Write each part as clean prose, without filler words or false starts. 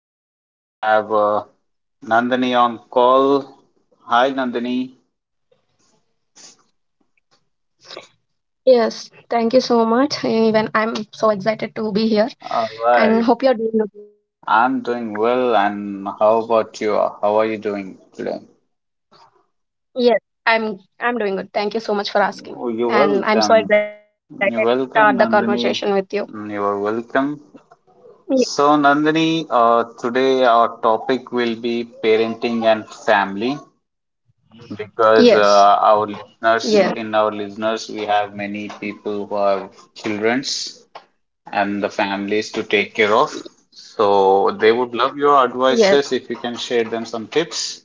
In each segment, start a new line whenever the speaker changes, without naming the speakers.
Today we have Nandini on call. Hi, Nandini.
Yes, thank you so much. Even I'm so excited to be
All
here
right.
and hope you're doing
I'm
good.
doing well, and how about you? How are you doing today?
Yes, I'm doing good. Thank you so much for
Oh,
asking.
you're welcome.
And I'm so excited
You're
to
welcome,
start the
Nandini.
conversation with you.
You are welcome.
Ye-
So, Nandini, today our topic will be parenting and family. Because
Yes.
our listeners
Yes.
we have many people who have childrens and the families to take care of, so they would love your
Yes.
advices if you can share them some tips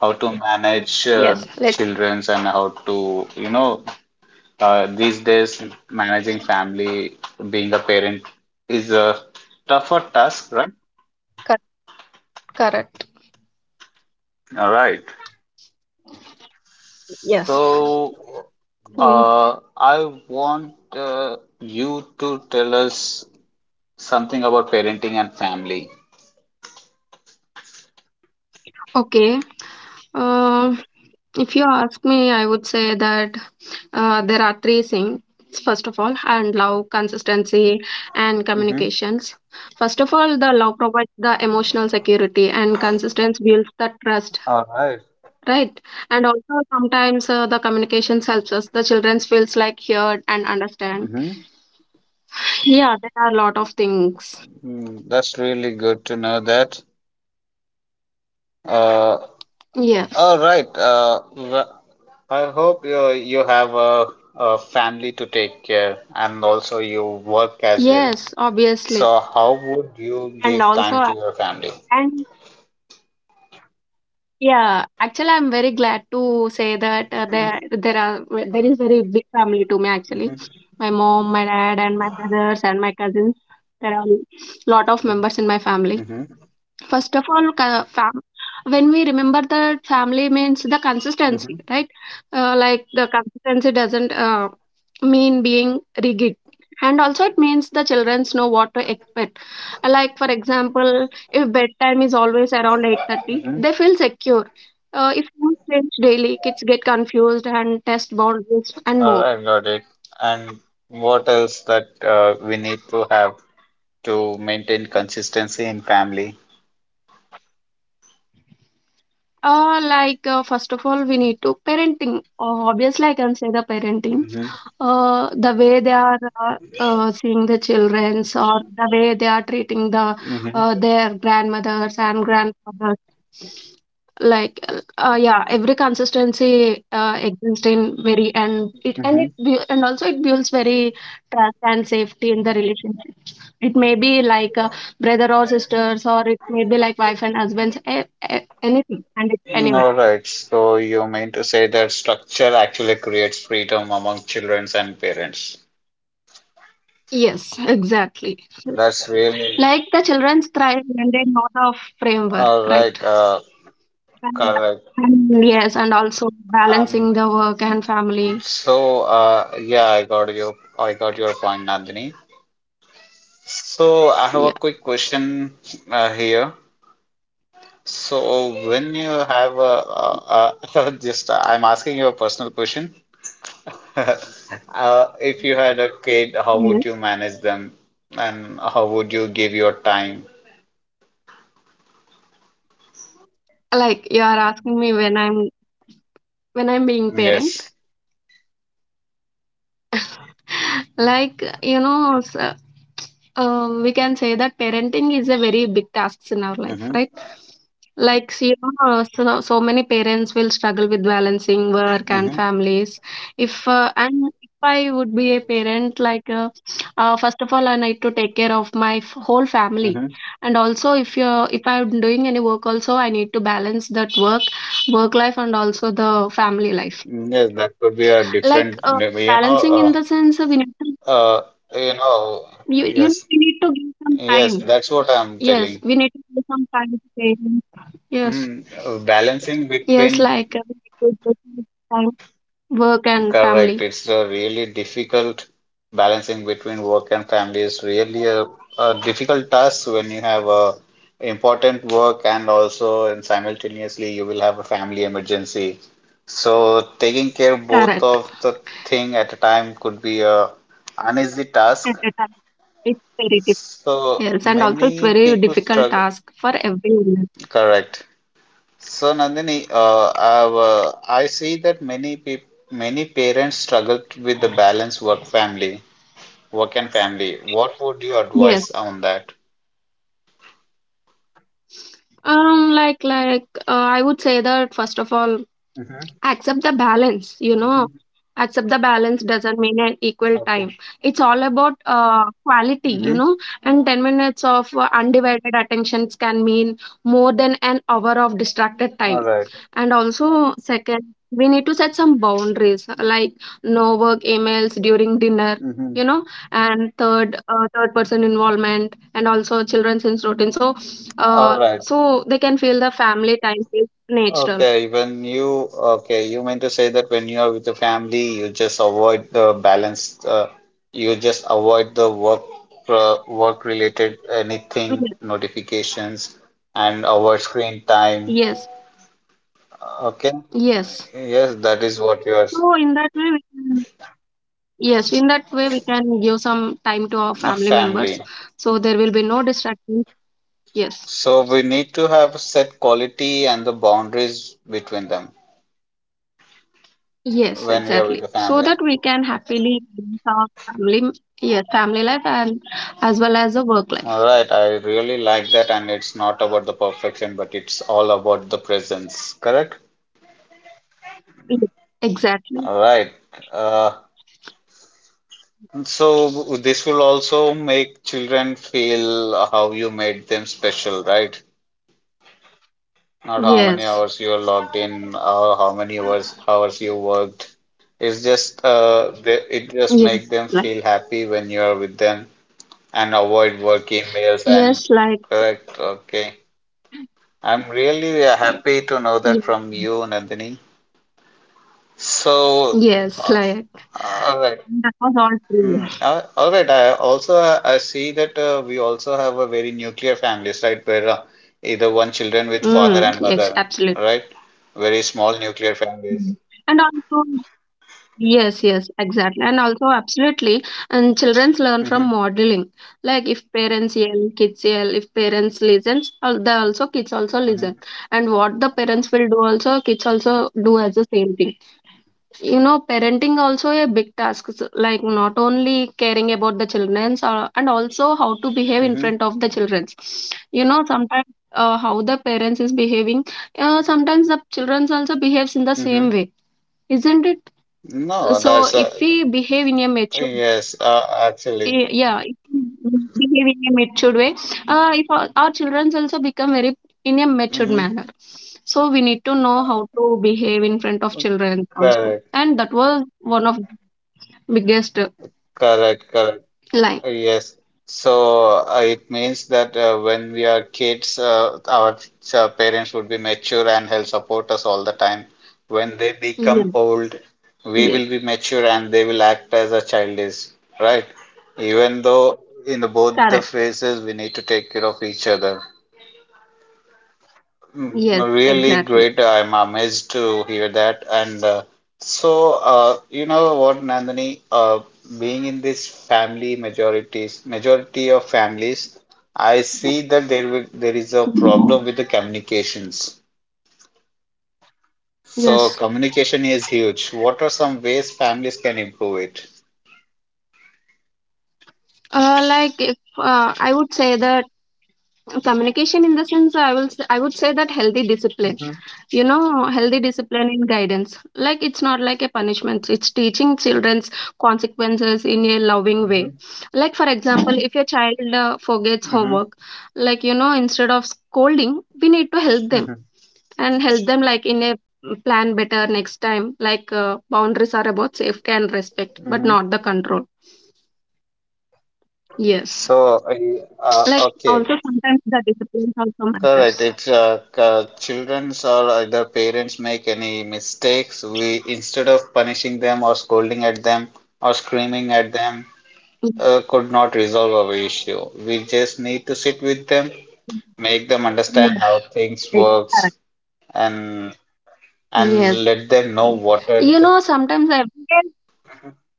how to manage
Yes. Let's
childrens and how to these days managing family, being a parent is a tougher task, right?
cut correct.
All right.
Yes.
So,
Mm.
I want you to tell us something about parenting and family.
Okay. Um if you ask me, I would say that there are three things. First of all, and love, consistency, and
Mm-hmm.
communications. First of all, the love provides the emotional security, and consistency builds the trust,
All right.
right? And also, sometimes the communications helps us. The children feels like heard and understand.
Mm-hmm.
Yeah, there are a lot of things.
That's really good to know that. Uh,
Yeah.
all right. I hope you have a family to take care, and also you work as well.
Yes, obviously,
So, how would you
and
give
also,
time to your family?
and yeah, actually, I'm very glad to say that there is very big family to me actually.
Mm-hmm.
My mom, my dad, and my brothers and my cousins. There are lot of members in my family.
Mm-hmm.
First of all, when we remember that family means the consistency, right? Like the consistency doesn't mean being rigid. And also, it means the children know what to expect. Like for example, if bedtime is always around 8:30,
Mm-hmm.
they feel secure. If you change daily, kids get confused and test boundaries and
All
more.
right, got it. And what else that we need to have to maintain consistency in family?
First of all, we need to parenting. Obviously, I can say the parenting,
Mm-hmm.
The way they are seeing the childrens, or the way they are treating the
Mm-hmm.
their grandmothers and grandfathers, like yeah, every consistency exists in very, and also it builds very trust and safety in the relationship. It may be like a brother or sisters, or it may be like wife and husbands, anything, and it,
Mm-hmm.
anywhere.
All right. So you mean to say that structure actually creates freedom among children and parents.
Yes, exactly.
That's really
Like the children thrive when they know the framework,
all right.
right? And,
Correct.
yes, and also
Um.
balancing the work and family.
So yeah, I got your point, Nandini. So I have a
Yeah.
quick question here. So when you have a just I'm asking you a personal question. If you had a kid, how would
Yes.
you manage them, and how would you give your time?
Like you are asking me when I'm being parent.
Yes.
Like, you know, so, we can say that parenting is a very big task in our life,
Mm-hmm.
right? Like, so, you know, so, so many parents will struggle with balancing work and
Mm-hmm.
families. If I would be a parent, like, first of all, I need to take care of whole family, and also if you if I'm doing any work, also I need to balance that work life, and also the family life.
Mm-hmm. Yes, that could be a
Like,
different,
balancing in the sense of we need to
uh, you know,
you know,
yes,
we need to give some
yes,
time.
that's what I'm
Yes,
telling.
we need to give some time to parents. Yes,
Balancing
yes,
between.
like we need to give some time, work and
Correct.
family.
It's a really difficult, balancing between work and family is really a difficult task when you have a important work and also and simultaneously you will have a family emergency. So taking care of both
Correct.
of the thing at a time could be a uneasy
At
task.
a time. It's very difficult.
So
Yes, and also it's
many
very
people
difficult
struggle.
task for everyone.
Correct. So Nandini, I see that many people, many parents struggle with the balance work family. Work and family. What would you
Yes.
advise on that?
I would say that first of all,
Mm-hmm.
accept the balance, you know,
Hmm.
accept the balance doesn't mean an equal
Okay.
time. It's all about quality, you
Mm-hmm.
know, and 10 minutes of undivided attentions can mean more than an hour of distracted
All
time.
right.
And also, second, we need to set some boundaries, like no work emails during dinner,
Mm-hmm.
you know. And third, person involvement, and also children's in routine, so
All right.
so they can feel the family time is natural.
Okay. When you Okay, you mean to say that when you are with your family, you just avoid the balance. You just avoid the work work related anything
Mm,
notifications, and avoid screen time.
yes.
Okay.
Yes.
Yes, that is what your
So in that way, we can, yes, in that way we can give some time to our family
family.
members, so there will be no distractions. Yes.
So we need to have set quality and the boundaries between them
Yes,
when we are with
exactly.
the
So
family.
that we can happily balance our family, yes, family life and as well as a work
All
life.
right, I really like that, and it's not about the perfection, but it's all about the presence, correct?
Yes,
All
exactly.
right. Uh, so this will also make children feel how you made them special, right? Not how many
Yes.
hours you are logged in, or how many hours you worked. It's just it just
Yes.
make them
Like
feel happy when you are with them, and avoid work emails and
yes, like
correct. Okay. I'm really happy to know that
yes,
from you, Nandini. So,
yes,
uh,
like
all right.
that was all true.
All right. I also I see that we also have a very nuclear families, right? Where either one children with father
Mm,
and
yes,
mother,
absolutely.
right? Very small nuclear families.
Mm. And also yes, yes, exactly. And also, absolutely. And childrens learn from
Hmm.
modeling. Like if parents yell, kids yell. If parents listens, the also kids also listen.
Hmm.
And what the parents will do also, kids also do as the same thing. You know, parenting also a big task. Like not only caring about the childrens, and also how to behave in
Hmm.
front of the childrens. You know, sometimes how the parents is behaving. Sometimes the childrens also behaves in the same
Hmm.
way, isn't it?
No,
So
that's
if we behave in a mature,
yes. Actually,
yeah, if we behave in a matured way, if our, our children also become very in a matured
Hmm.
manner, so we need to know how to behave in front of children also,
Correct.
and that was one of biggest
Correct. Correct.
line.
Yes. So it means that when we are kids, our parents would be mature and help support us all the time. When they become
Yes.
old, we
Yes,
will be mature and they will act as a child is, right? Even though in both the
correct.
phases, we need to take care of each other. Mm,
Yes,
Really
exactly.
great. I'm amazed to hear that. And so, you know what, Nandini, being in this family majority of families, I see that there is a problem with the communications. So
Yes.
communication is huge. What are some ways families can improve it?
Like if I would say that communication, in the sense, I would say that healthy discipline,
Mm-hmm,
you know, healthy discipline in guidance, like it's not like a punishment, it's teaching children's consequences in a loving
mm-hmm,
way. Like for example, if your child forgets
mm-hmm,
homework, like, you know, instead of scolding we need to help them,
mm-hmm,
and help them like in a plan better next time. Like boundaries are about safety and respect, but
mm-hmm.
not the control. Yes,
So,
like
okay.
also sometimes the discipline also
Correct.
matters.
It's children's or either parents make any mistakes, we, instead of punishing them or scolding at them or screaming at them,
Yes,
could not resolve our issue. We just need to sit with them, make them understand
yes,
how things works,
correct.
and
Yes,
and let them know what are
you
the.
know sometimes I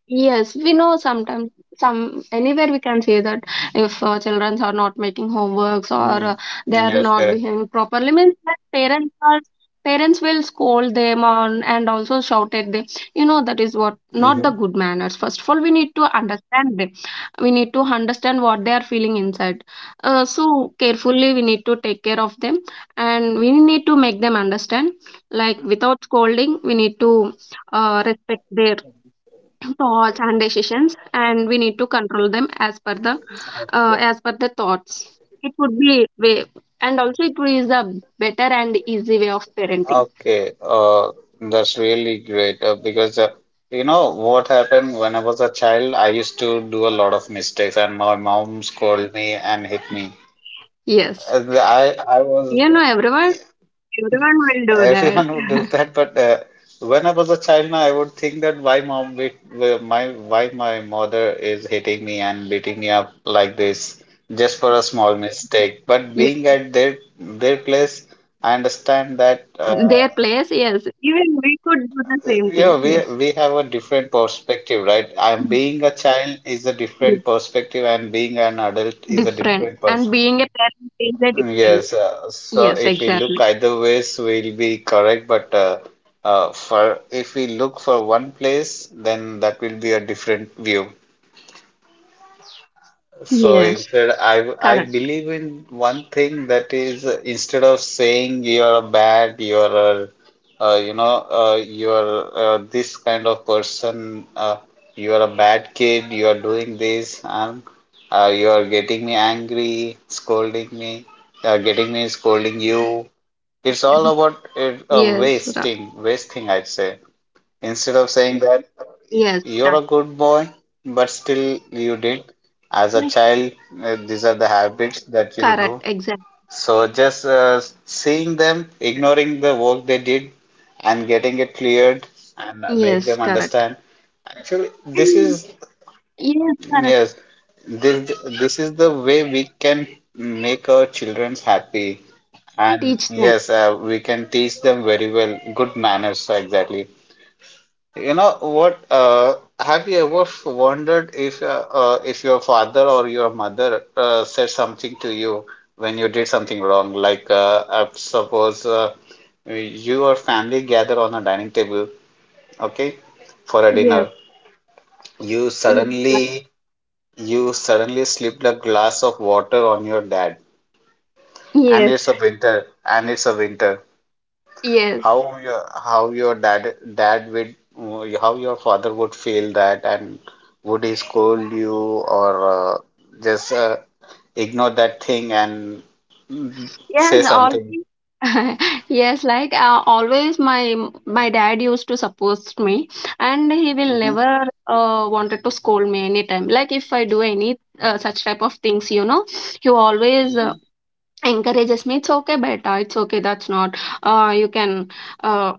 yes, we know sometimes, some anywhere we can say that if children are not making homeworks, or
Mm,
they are
yes,
not
correct.
behaving properly, means that parents will scold them on and also shout at them. You know, that is what not the
Mm-hmm.
good manners. First of all, we need to understand them. We need to understand what they are feeling inside. So carefully, we need to take care of them, and we need to make them understand. Like without scolding, we need to respect their thoughts and decisions, and we need to control them as per the thoughts. It would be way, and also it is a better and easy way of parenting.
Okay, that's really great because you know what happened when I was a child, I used to do a lot of mistakes, and my mom scolded me and hit me.
Yes,
I was
you know, everyone, everyone will do that.
everyone would do that, but when I was a child, now I would think that why mom beat why my mother is hitting me and beating me up like this just for a small mistake. But being at their place, I understand that.
Yes, their place, yes, even we could do the same thing.
Yeah, we
Yes.
we have a different perspective, right? I'm being a child is a
Mm,
different perspective, and being an adult is a
different,
different
and
perspective.
being a parent is a different.
Yes, so
Yes,
if we look
exactly.
either ways, we'll be correct. But for if we look for one place, then that will be a different view. So
Yes,
instead, I
correct.
believe in one thing that is, instead of saying you're a bad, you're a, you're this kind of person, you're a bad kid, you're doing this, and you're getting me angry, scolding me, getting me scolding you. It's all about it,
yes ra-
wasting, I'd say. Instead of saying that.
yes,
You're
that-
a good boy, but still you did. As a child, these are the habits that you
correct,
do.
exactly.
So just seeing them, ignoring the work they did, and getting it cleared and make
Yes,
them
correct.
understand. Actually, this
And
is,
yes, correct.
yes, this this is the way we can make our children happy. And
Teach them.
yes, we can teach them very well good manners. Exactly. You know what? Have you ever wondered if if your father or your mother said something to you when you did something wrong? Like, suppose you or family gather on a dining table, okay, for a dinner.
Yes,
You
yes, like,
suddenly you suddenly slipped a glass of water on your dad, and
yes,
it's a winter, and it's a winter.
yes,
How your how your dad dad would how your father would feel that, and would he scold you or just ignore that thing and mm,
yes.
say something?
Always, yes. Like always, my dad used to support me, and he will
Hmm.
never wanted to scold me anytime. Like if I do any such type of things, you know, he always
Hmm.
encourages me, "It's okay, beta. It's okay. That's not. You can uh,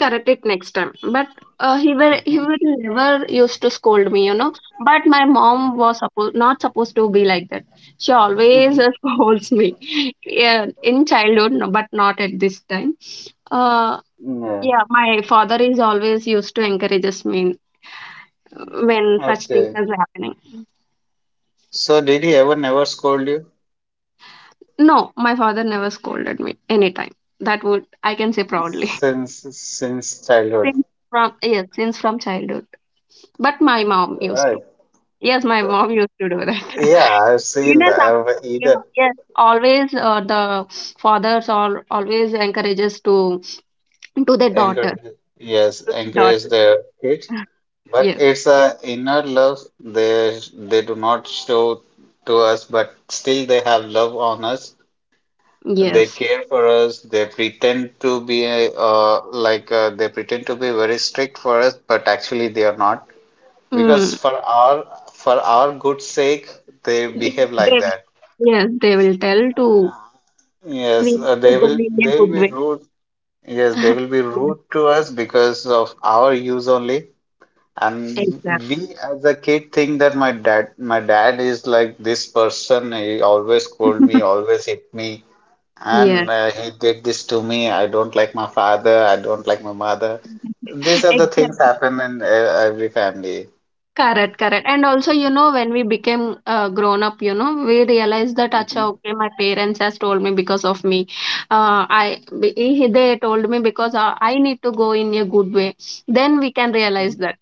correct it next time." But he
Hmm.
will never used to scold me, you know. But my mom was supposed not supposed to be like that. She always
Hmm.
scolds me, yeah, in childhood, no, but not at this time. Uh,
Yeah.
yeah, my father is always used to encourages me uh, when such things
Okay.
are happening.
So did he ever never scold you
No, my father never scolded me anytime. That would I can say proudly.
since childhood?
Since from childhood. But my mom used to.
Right.
Yes, my mom used to do that.
Yeah, I've
You
seen
know,
that.
some,
I've
yeah,
either
yes. Always, the fathers are always encourages to their daughter.
encourage, yes,
To the
encourage
daughter.
the kids. But
Yes.
it's a inner love. They do not show to us, but still they have love on us. They
Yes.
care for us. They pretend to be like they pretend to be very strict for us, but actually they are not. Because
Mm.
for our good sake, they
Yes,
behave
they
like
will,
that.
yes, they will tell to, we
Yes,
need to
they
go
will
in a
they
good
will be
way.
rude. Yes, they will be
Yes,
rude to us because of our use only. And
exactly.
we as a kid think that my dad is like this person. He always scold me, always hit me,
Yes.
and he did this to me. I don't like my father. I don't like my mother. These are the things happen in every family.
Correct, correct. And also, you know, when we became grown up, you know, we realized that,
Mhm,
acha, okay, my parents has told me because of me. They told me because I need to go in a good way. Then we can realize
mhm.
that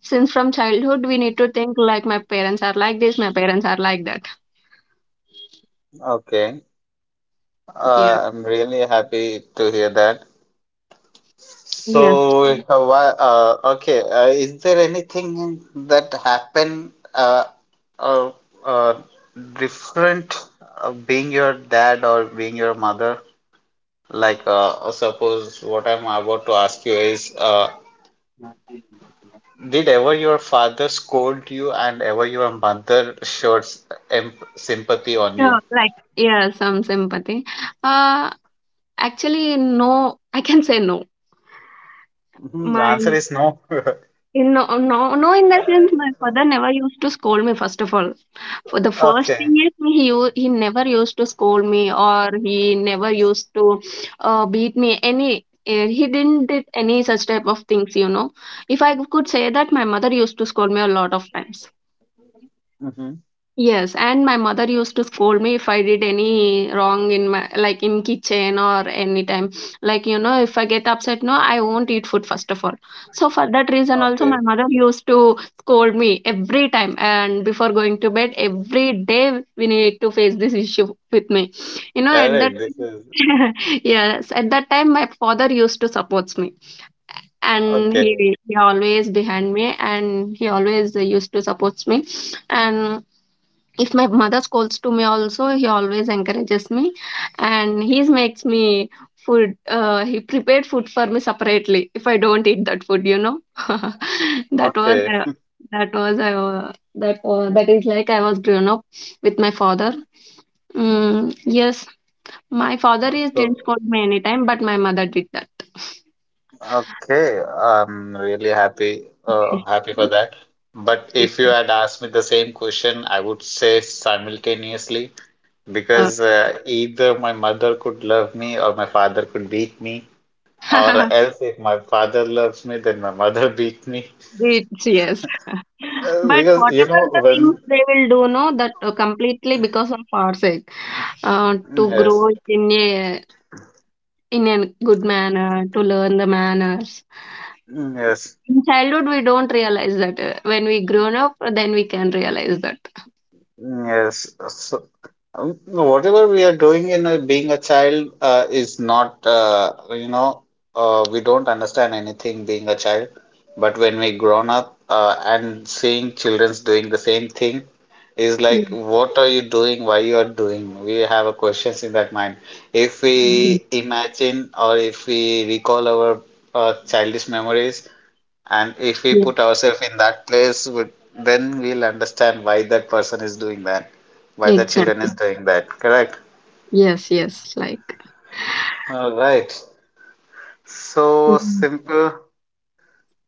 since from childhood we need to think like my parents are like this, my parents are like that.
Okay.
Yeah.
I'm really happy to hear that. So,
Yes.
okay, is there anything that happened uh, uh, different, being your dad or being your mother? Like, suppose what I'm about to ask you is, did ever your father scold you, and ever your mother showed sympathy on
Sure.
you?
Like yeah, some sympathy. Uh, Actually, no, I can say no.
Mhm, the
My
answer is no.
In No, no, no, in the sense, my father never used to scold me, first of all. For the first
Okay.
thing is, he never used to scold me, or he never used to beat me. He didn't did any such type of things, you know. If I could say that, my mother used to scold me a lot of times.
Hmm.
Yes, and my mother used to scold me if I did any wrong in my like in kitchen or anytime. Like you know, if I get upset, no, I won't eat food first of all. So for that reason, also my
Okay.
mother used to scold me every time, and before going to bed, every day we need to face this issue with me. At that
Correct. This is
yes, at that time my father used to supports me, and
okay.
he always behind me, and he always used to supports me, and if my mother scolds to me also he always encourages me and he makes me food he prepared food for me separately if I don't eat that food. that was
Okay.
that was that that is like I was grown up with my father mm, yes my father is
So,
didn't scold me anytime but my mother did that
okay, I'm really happy uh, happy for that. But
Yes.
if you had asked me the same question, I would say simultaneously,
Uh,
because either my mother could love me or my father could beat me, or else if my father loves me, then my mother beat me.
It's yes. But
Because you
whatever
know
the things
when,
they will do, no, that completely because of our sake, to
yes,
grow in a good
you
manner, to learn the manners.
yes,
In childhood, we don't realize that. When we grown up, then we can realize that.
yes. So, no, whatever we are doing being a child is not, we don't understand anything being a child. But when we grown up and seeing childrens doing the same thing is
Yeah,
like, what are you doing? Why you are doing? We have a questions in that mind. If we
yeah,
imagine or if we recall our childish memories, and if we
yeah.
put ourselves in that place, then we'll understand why that person is doing that, why the children
Exactly.
is doing that. Correct?
Yes, yes. Like,
All right. So
mm,
simple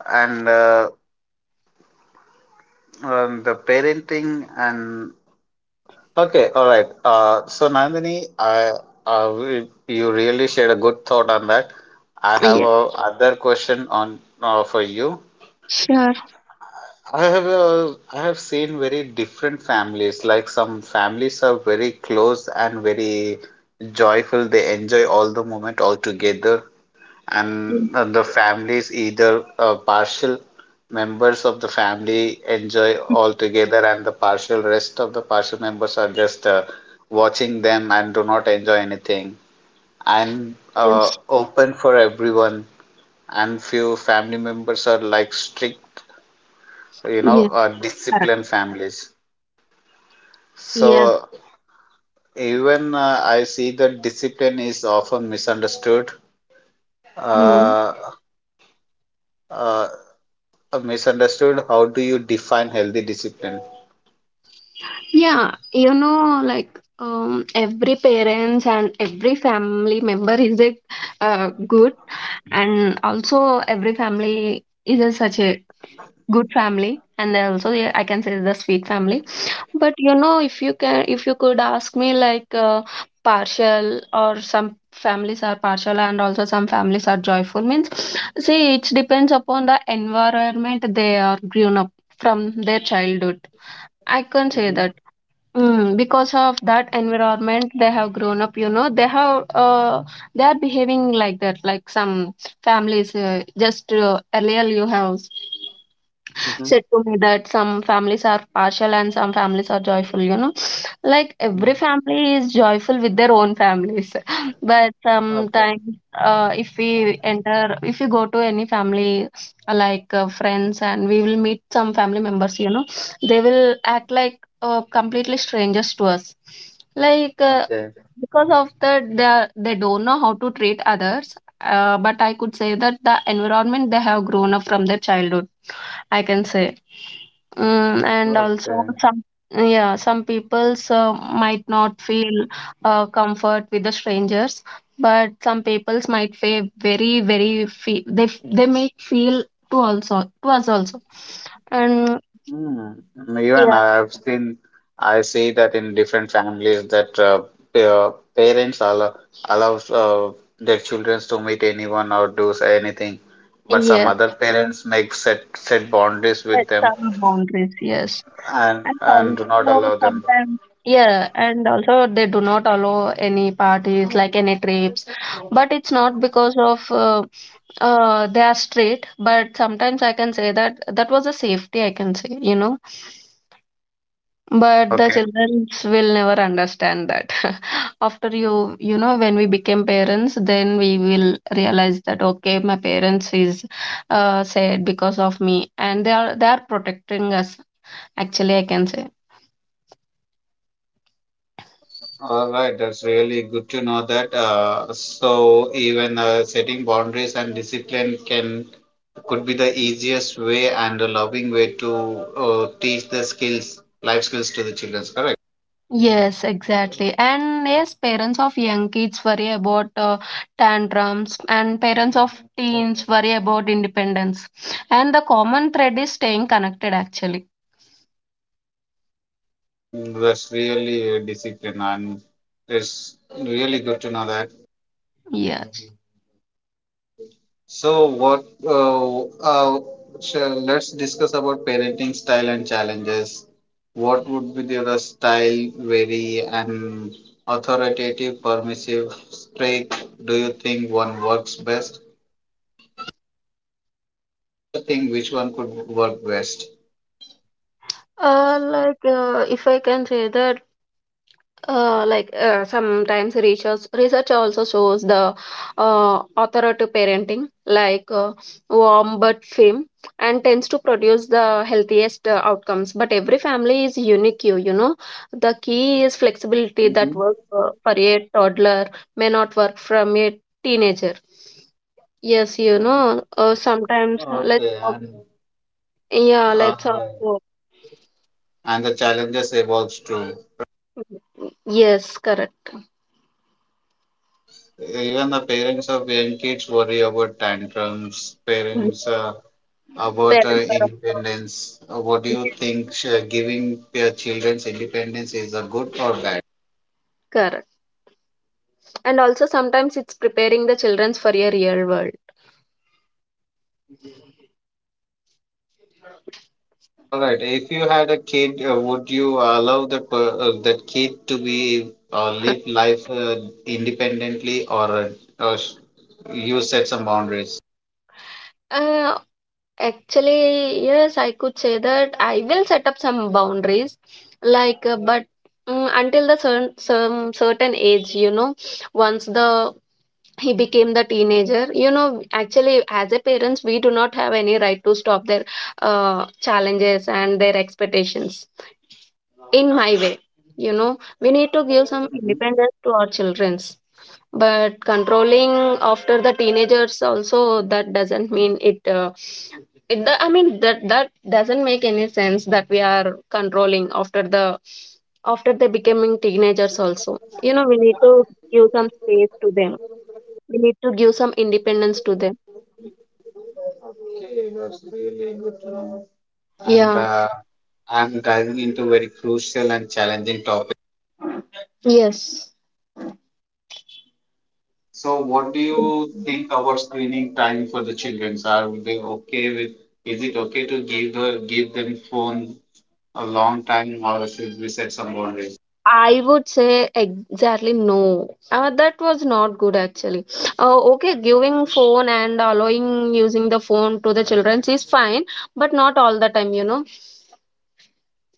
and the parenting and okay. All right. So Nandini, you really shared a good thought on that. I have
yeah,
a other question on for you.
sure.
I have seen very different families. Like some families are very close and very joyful. They enjoy all the moment all together,
Yes,
and the families either partial members of the family enjoy all together, and the partial rest of the partial members are just watching them and do not enjoy anything. And
yes,
open for everyone, and few family members are like strict
yeah, correct.
disciplined families.
Yes.
So even I see that discipline is often misunderstood.
Hmm.
uh, uh, Misunderstood, how do you define healthy discipline?
Yeah, like every parents and every family member is a good, and also every family is a, such a good family, and they also yeah, I can say the sweet family. But you know, if you could ask me, like partial or some families are partial, and also some families are joyful. Means, see, it depends upon the environment they are grown up from their childhood. I can say that. Mm, because of that environment they have grown up, you know, they have they are behaving like that, like some families just earlier you have
Hmm.
said to me that some families are partial and some families are joyful, you know, like every family is joyful with their own families but
Okay.
sometimes if we go to any family like friends, and we will meet some family members, you know, they will act like completely strangers to us, like
Okay.
because of that they, are, they don't know how to treat others. But I could say that the environment they have grown up from their childhood, I can say. Mm, and also
Okay.
some yeah some peoples might not feel comfort with the strangers, but some peoples might feel very fe they they may feel to also to us also, and
Mm. Even
yeah.
I've seen, I see that in different families that parents allows their children to meet anyone or do say anything, but some
Yes,
other parents make set set boundaries
but
with them,
some boundaries, yes.
and
And
and do not
also
allow them.
sometimes, yeah, and also they do not allow any parties like any trip, but it's not because of they are straight, but sometimes I can say that that was a safety I can say, you know, but the
Okay.
children will never understand that after you know when we became parents then we will realize that okay my parents is said because of me and they are protecting us, actually I can say.
All right, that's really good to know that. So even setting boundaries and discipline can could be the easiest way and a loving way to teach the skills, life skills to the children. Correct?
Yes, exactly. And yes, parents of young kids worry about tantrums, and parents of teens worry about independence. And the common thread is staying connected, actually.
Mm. That's really discipline, and it's really good to know that.
Yes.
So what? Let's discuss about parenting style and challenges. What would be the style very and authoritative, permissive, strict? Do you think one works best? What do you think? Which one could work best?
If I can say that. Sometimes research also shows the authoritative parenting, like warm but firm, and tends to produce the healthiest outcomes, but every family is unique, you know, the key is flexibility. That
Hmm.
works for a toddler, may not work from a teenager. Yes, you know, sometimes let's
Okay,
talk,
and
yeah,
uh,
let's also.
and the challenges evolves too.
Yes, correct.
Even the parents of young kids worry about tantrums. Parents. About
Parents are also.
independence. What do you
Yes,
think giving your children's independence is a good or bad?
correct. And also sometimes it's preparing the childrens for a real world.
All right. If you had a kid, would you allow that kid to be live life independently, or you set some boundaries?
Uh, actually, yes, I could say that I will set up some boundaries, like, but until the certain some certain age, you know, once the he became the teenager, you know, actually, as a parents, we do not have any right to stop their challenges and their expectations. In my way, you know, we need to give some
Mhm.
independence to our children's, but controlling after the teenagers also, that doesn't mean it it the, I mean that that doesn't make any sense that we are controlling after the after they becoming teenagers also, you know, we need to give some space to them, we need to give some independence to them.
Okay, that's really good to know. And
Yeah.
I'm diving into very crucial and challenging topic.
Yes,
So, what do you think about screening time for the children? Are they okay with? Is it okay to give the give them phone a long time, or should we set some boundaries?
I would say exactly no. That was not good actually. Okay, giving phone and allowing using the phone to the children is fine, but not all the time, you know.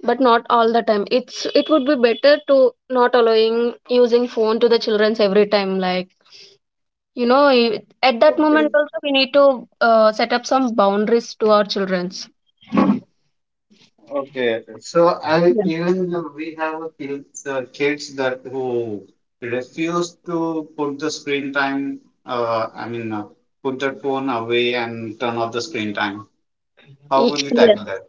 But not all the time. It would be better to not allowing using phone to the children every time. Like you know, at that moment
Okay,
also we need to set up some boundaries to our childrens.
okay. So, I
Yeah.
even we have a kids that who refuse to put the screen time. Uh, I mean, uh, Put that phone away and turn off the screen time. How will you
Yeah.
tackle that?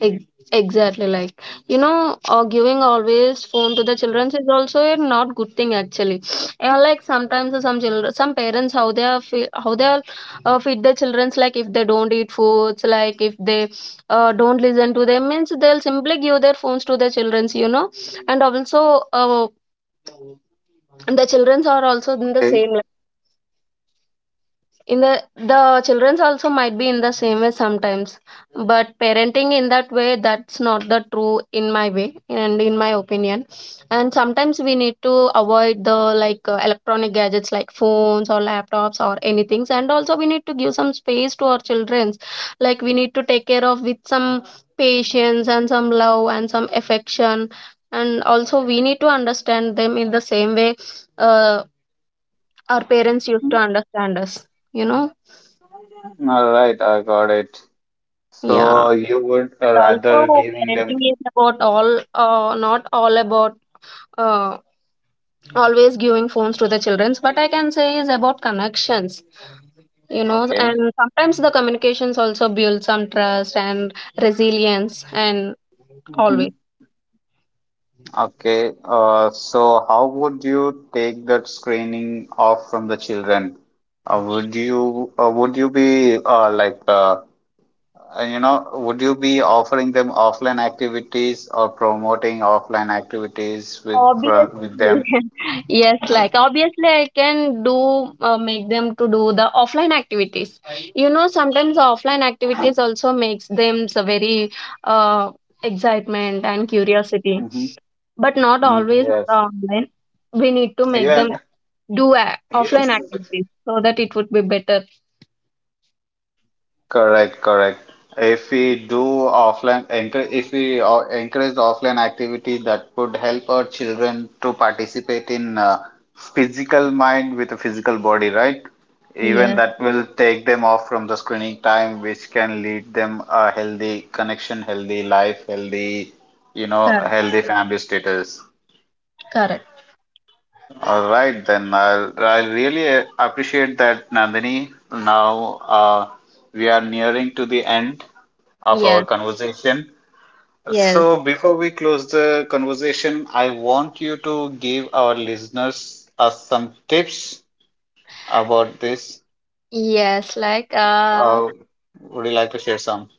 Exactly, like you know, giving always phone to the children is also a not good thing actually. And like sometimes some children, some parents how they are how they are feed their childrens, like if they don't eat foods, like if they don't listen to them means they'll simply give their phones to their childrens, you know. And also, the childrens are also in the
Okay.
same, in the childrens also might be in the same way sometimes, but parenting in that way, that's not the true in my way and in my opinion, and sometimes we need to avoid the, like electronic gadgets like phones or laptops or anything, and also we need to give some space to our childrens, like we need to take care of with some patience and some love and some affection, and also we need to understand them in the same way uh, our parents used to understand us, you know.
All right, I got it.
Yeah,
So you would
and
rather
also
giving them
parenting is about all, not all about uh, always giving phones to the childrens. But I can say is about connections, you know,
okay.
and sometimes the communications also build some trust and resilience and
Hmm.
always.
Okay. So how would you take that screening off from the children? Would you be would you be offering them offline activities or promoting offline activities with
Obviously,
them?
yes, like obviously, I can do make them to do the offline activities. You know, sometimes the offline activities also makes them so very uh, excitement and curiosity,
Mm-hmm.
but not always
Yes.
online. We need to make
Yeah.
them do offline
Yes.
activities so that it would be better.
Correct, correct. If we do offline, encourage, if we encourage offline activity, that would help our children to participate in physical mind with a physical body, right? Even
Yeah,
that will take them off from the screening time, which can lead them a healthy connection, healthy life, healthy, you know,
correct,
healthy family status.
correct.
All right, then I really appreciate that, Nandini. Now we are nearing to the end of our
Yes,
conversation.
yes,
So before we close the conversation, I want you to give our listeners some tips about this.
yes. Like,
Uh, would you like to share some?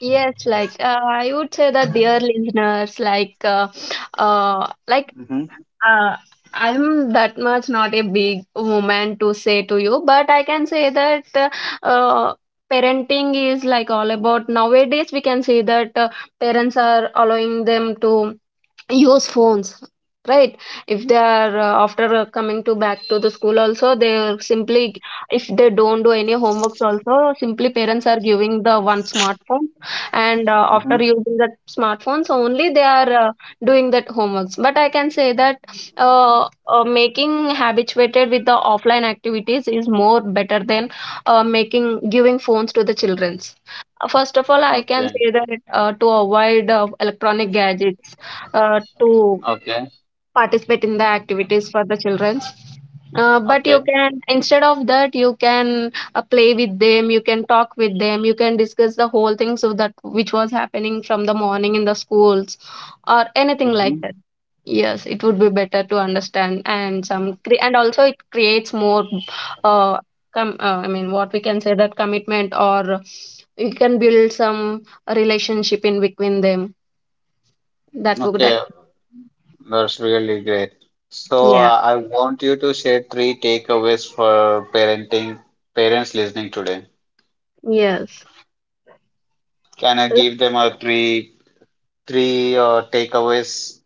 yes, like, I would say that, dear listeners, like, uh, like,
Mm-hmm,
uh, I'm that much not a big woman to say to you, but I can say that, uh, parenting is like all about nowadays. We can see that parents are allowing them to use phones, right, if they are after coming to back to the school also, they are simply, if they don't do any homeworks also, simply parents are giving the one smartphone, and
mm-hmm.
after using that smartphones only they are doing that homeworks, but I can say that making habituated with the offline activities is more better than making giving phones to the childrens. First of all I can
Okay,
say that to avoid electronic gadgets, to
okay,
participate in the activities for the childrens. But
okay.
you can instead of that, you can play with them, you can talk with them, you can discuss the whole things of that which was happening from the morning in the schools or anything like
Mm-hmm.
that. Yes, it would be better to understand, and some and also it creates more uh, I mean what we can say, that commitment, or you can build some relationship in between them, that would
Okay. That's really great. So
yeah,
I want you to share three takeaways for parenting parents listening today.
yes.
Can I
L-
give them a three takeaways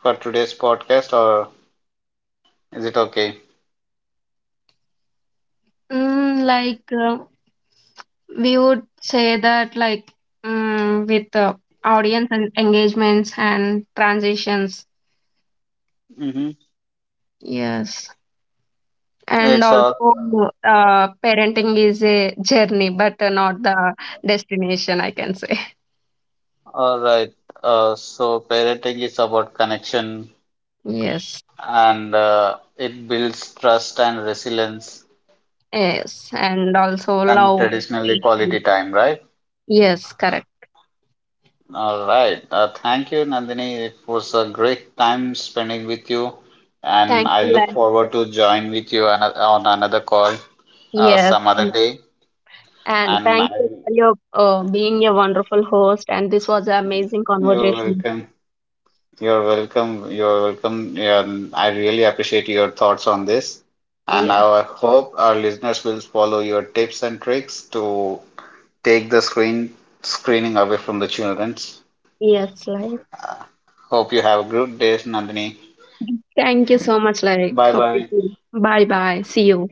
for today's podcast, or is it okay?
Mm, like we would say that like mm, with audience and engagements and transitions,
Mm-hmm.
yes, and
It's
also parenting is a journey but not the destination, I can say.
all right. So parenting is about connection,
Yes,
and it builds trust and resilience,
yes, and also
and
love,
traditionally
patience.
quality time, right?
Yes, correct.
All right. Thank you, Nandini. It was a great time spending with you, and
Thank
I
you,
look
Lan.
forward to join with you on another call
Yes,
some other day.
and
And I
thank you
will,
for your being a wonderful host, and this was an amazing
you're
conversation.
welcome. You're welcome. You're welcome. And I really appreciate your thoughts on this. And
Yes.
I hope our listeners will follow your tips and tricks to take the screening away from the childrens.
Yes, like
Hope you have a good day, Nandini.
thank you so much. Like
Bye
hope you
bye.
feel. Bye bye. See you.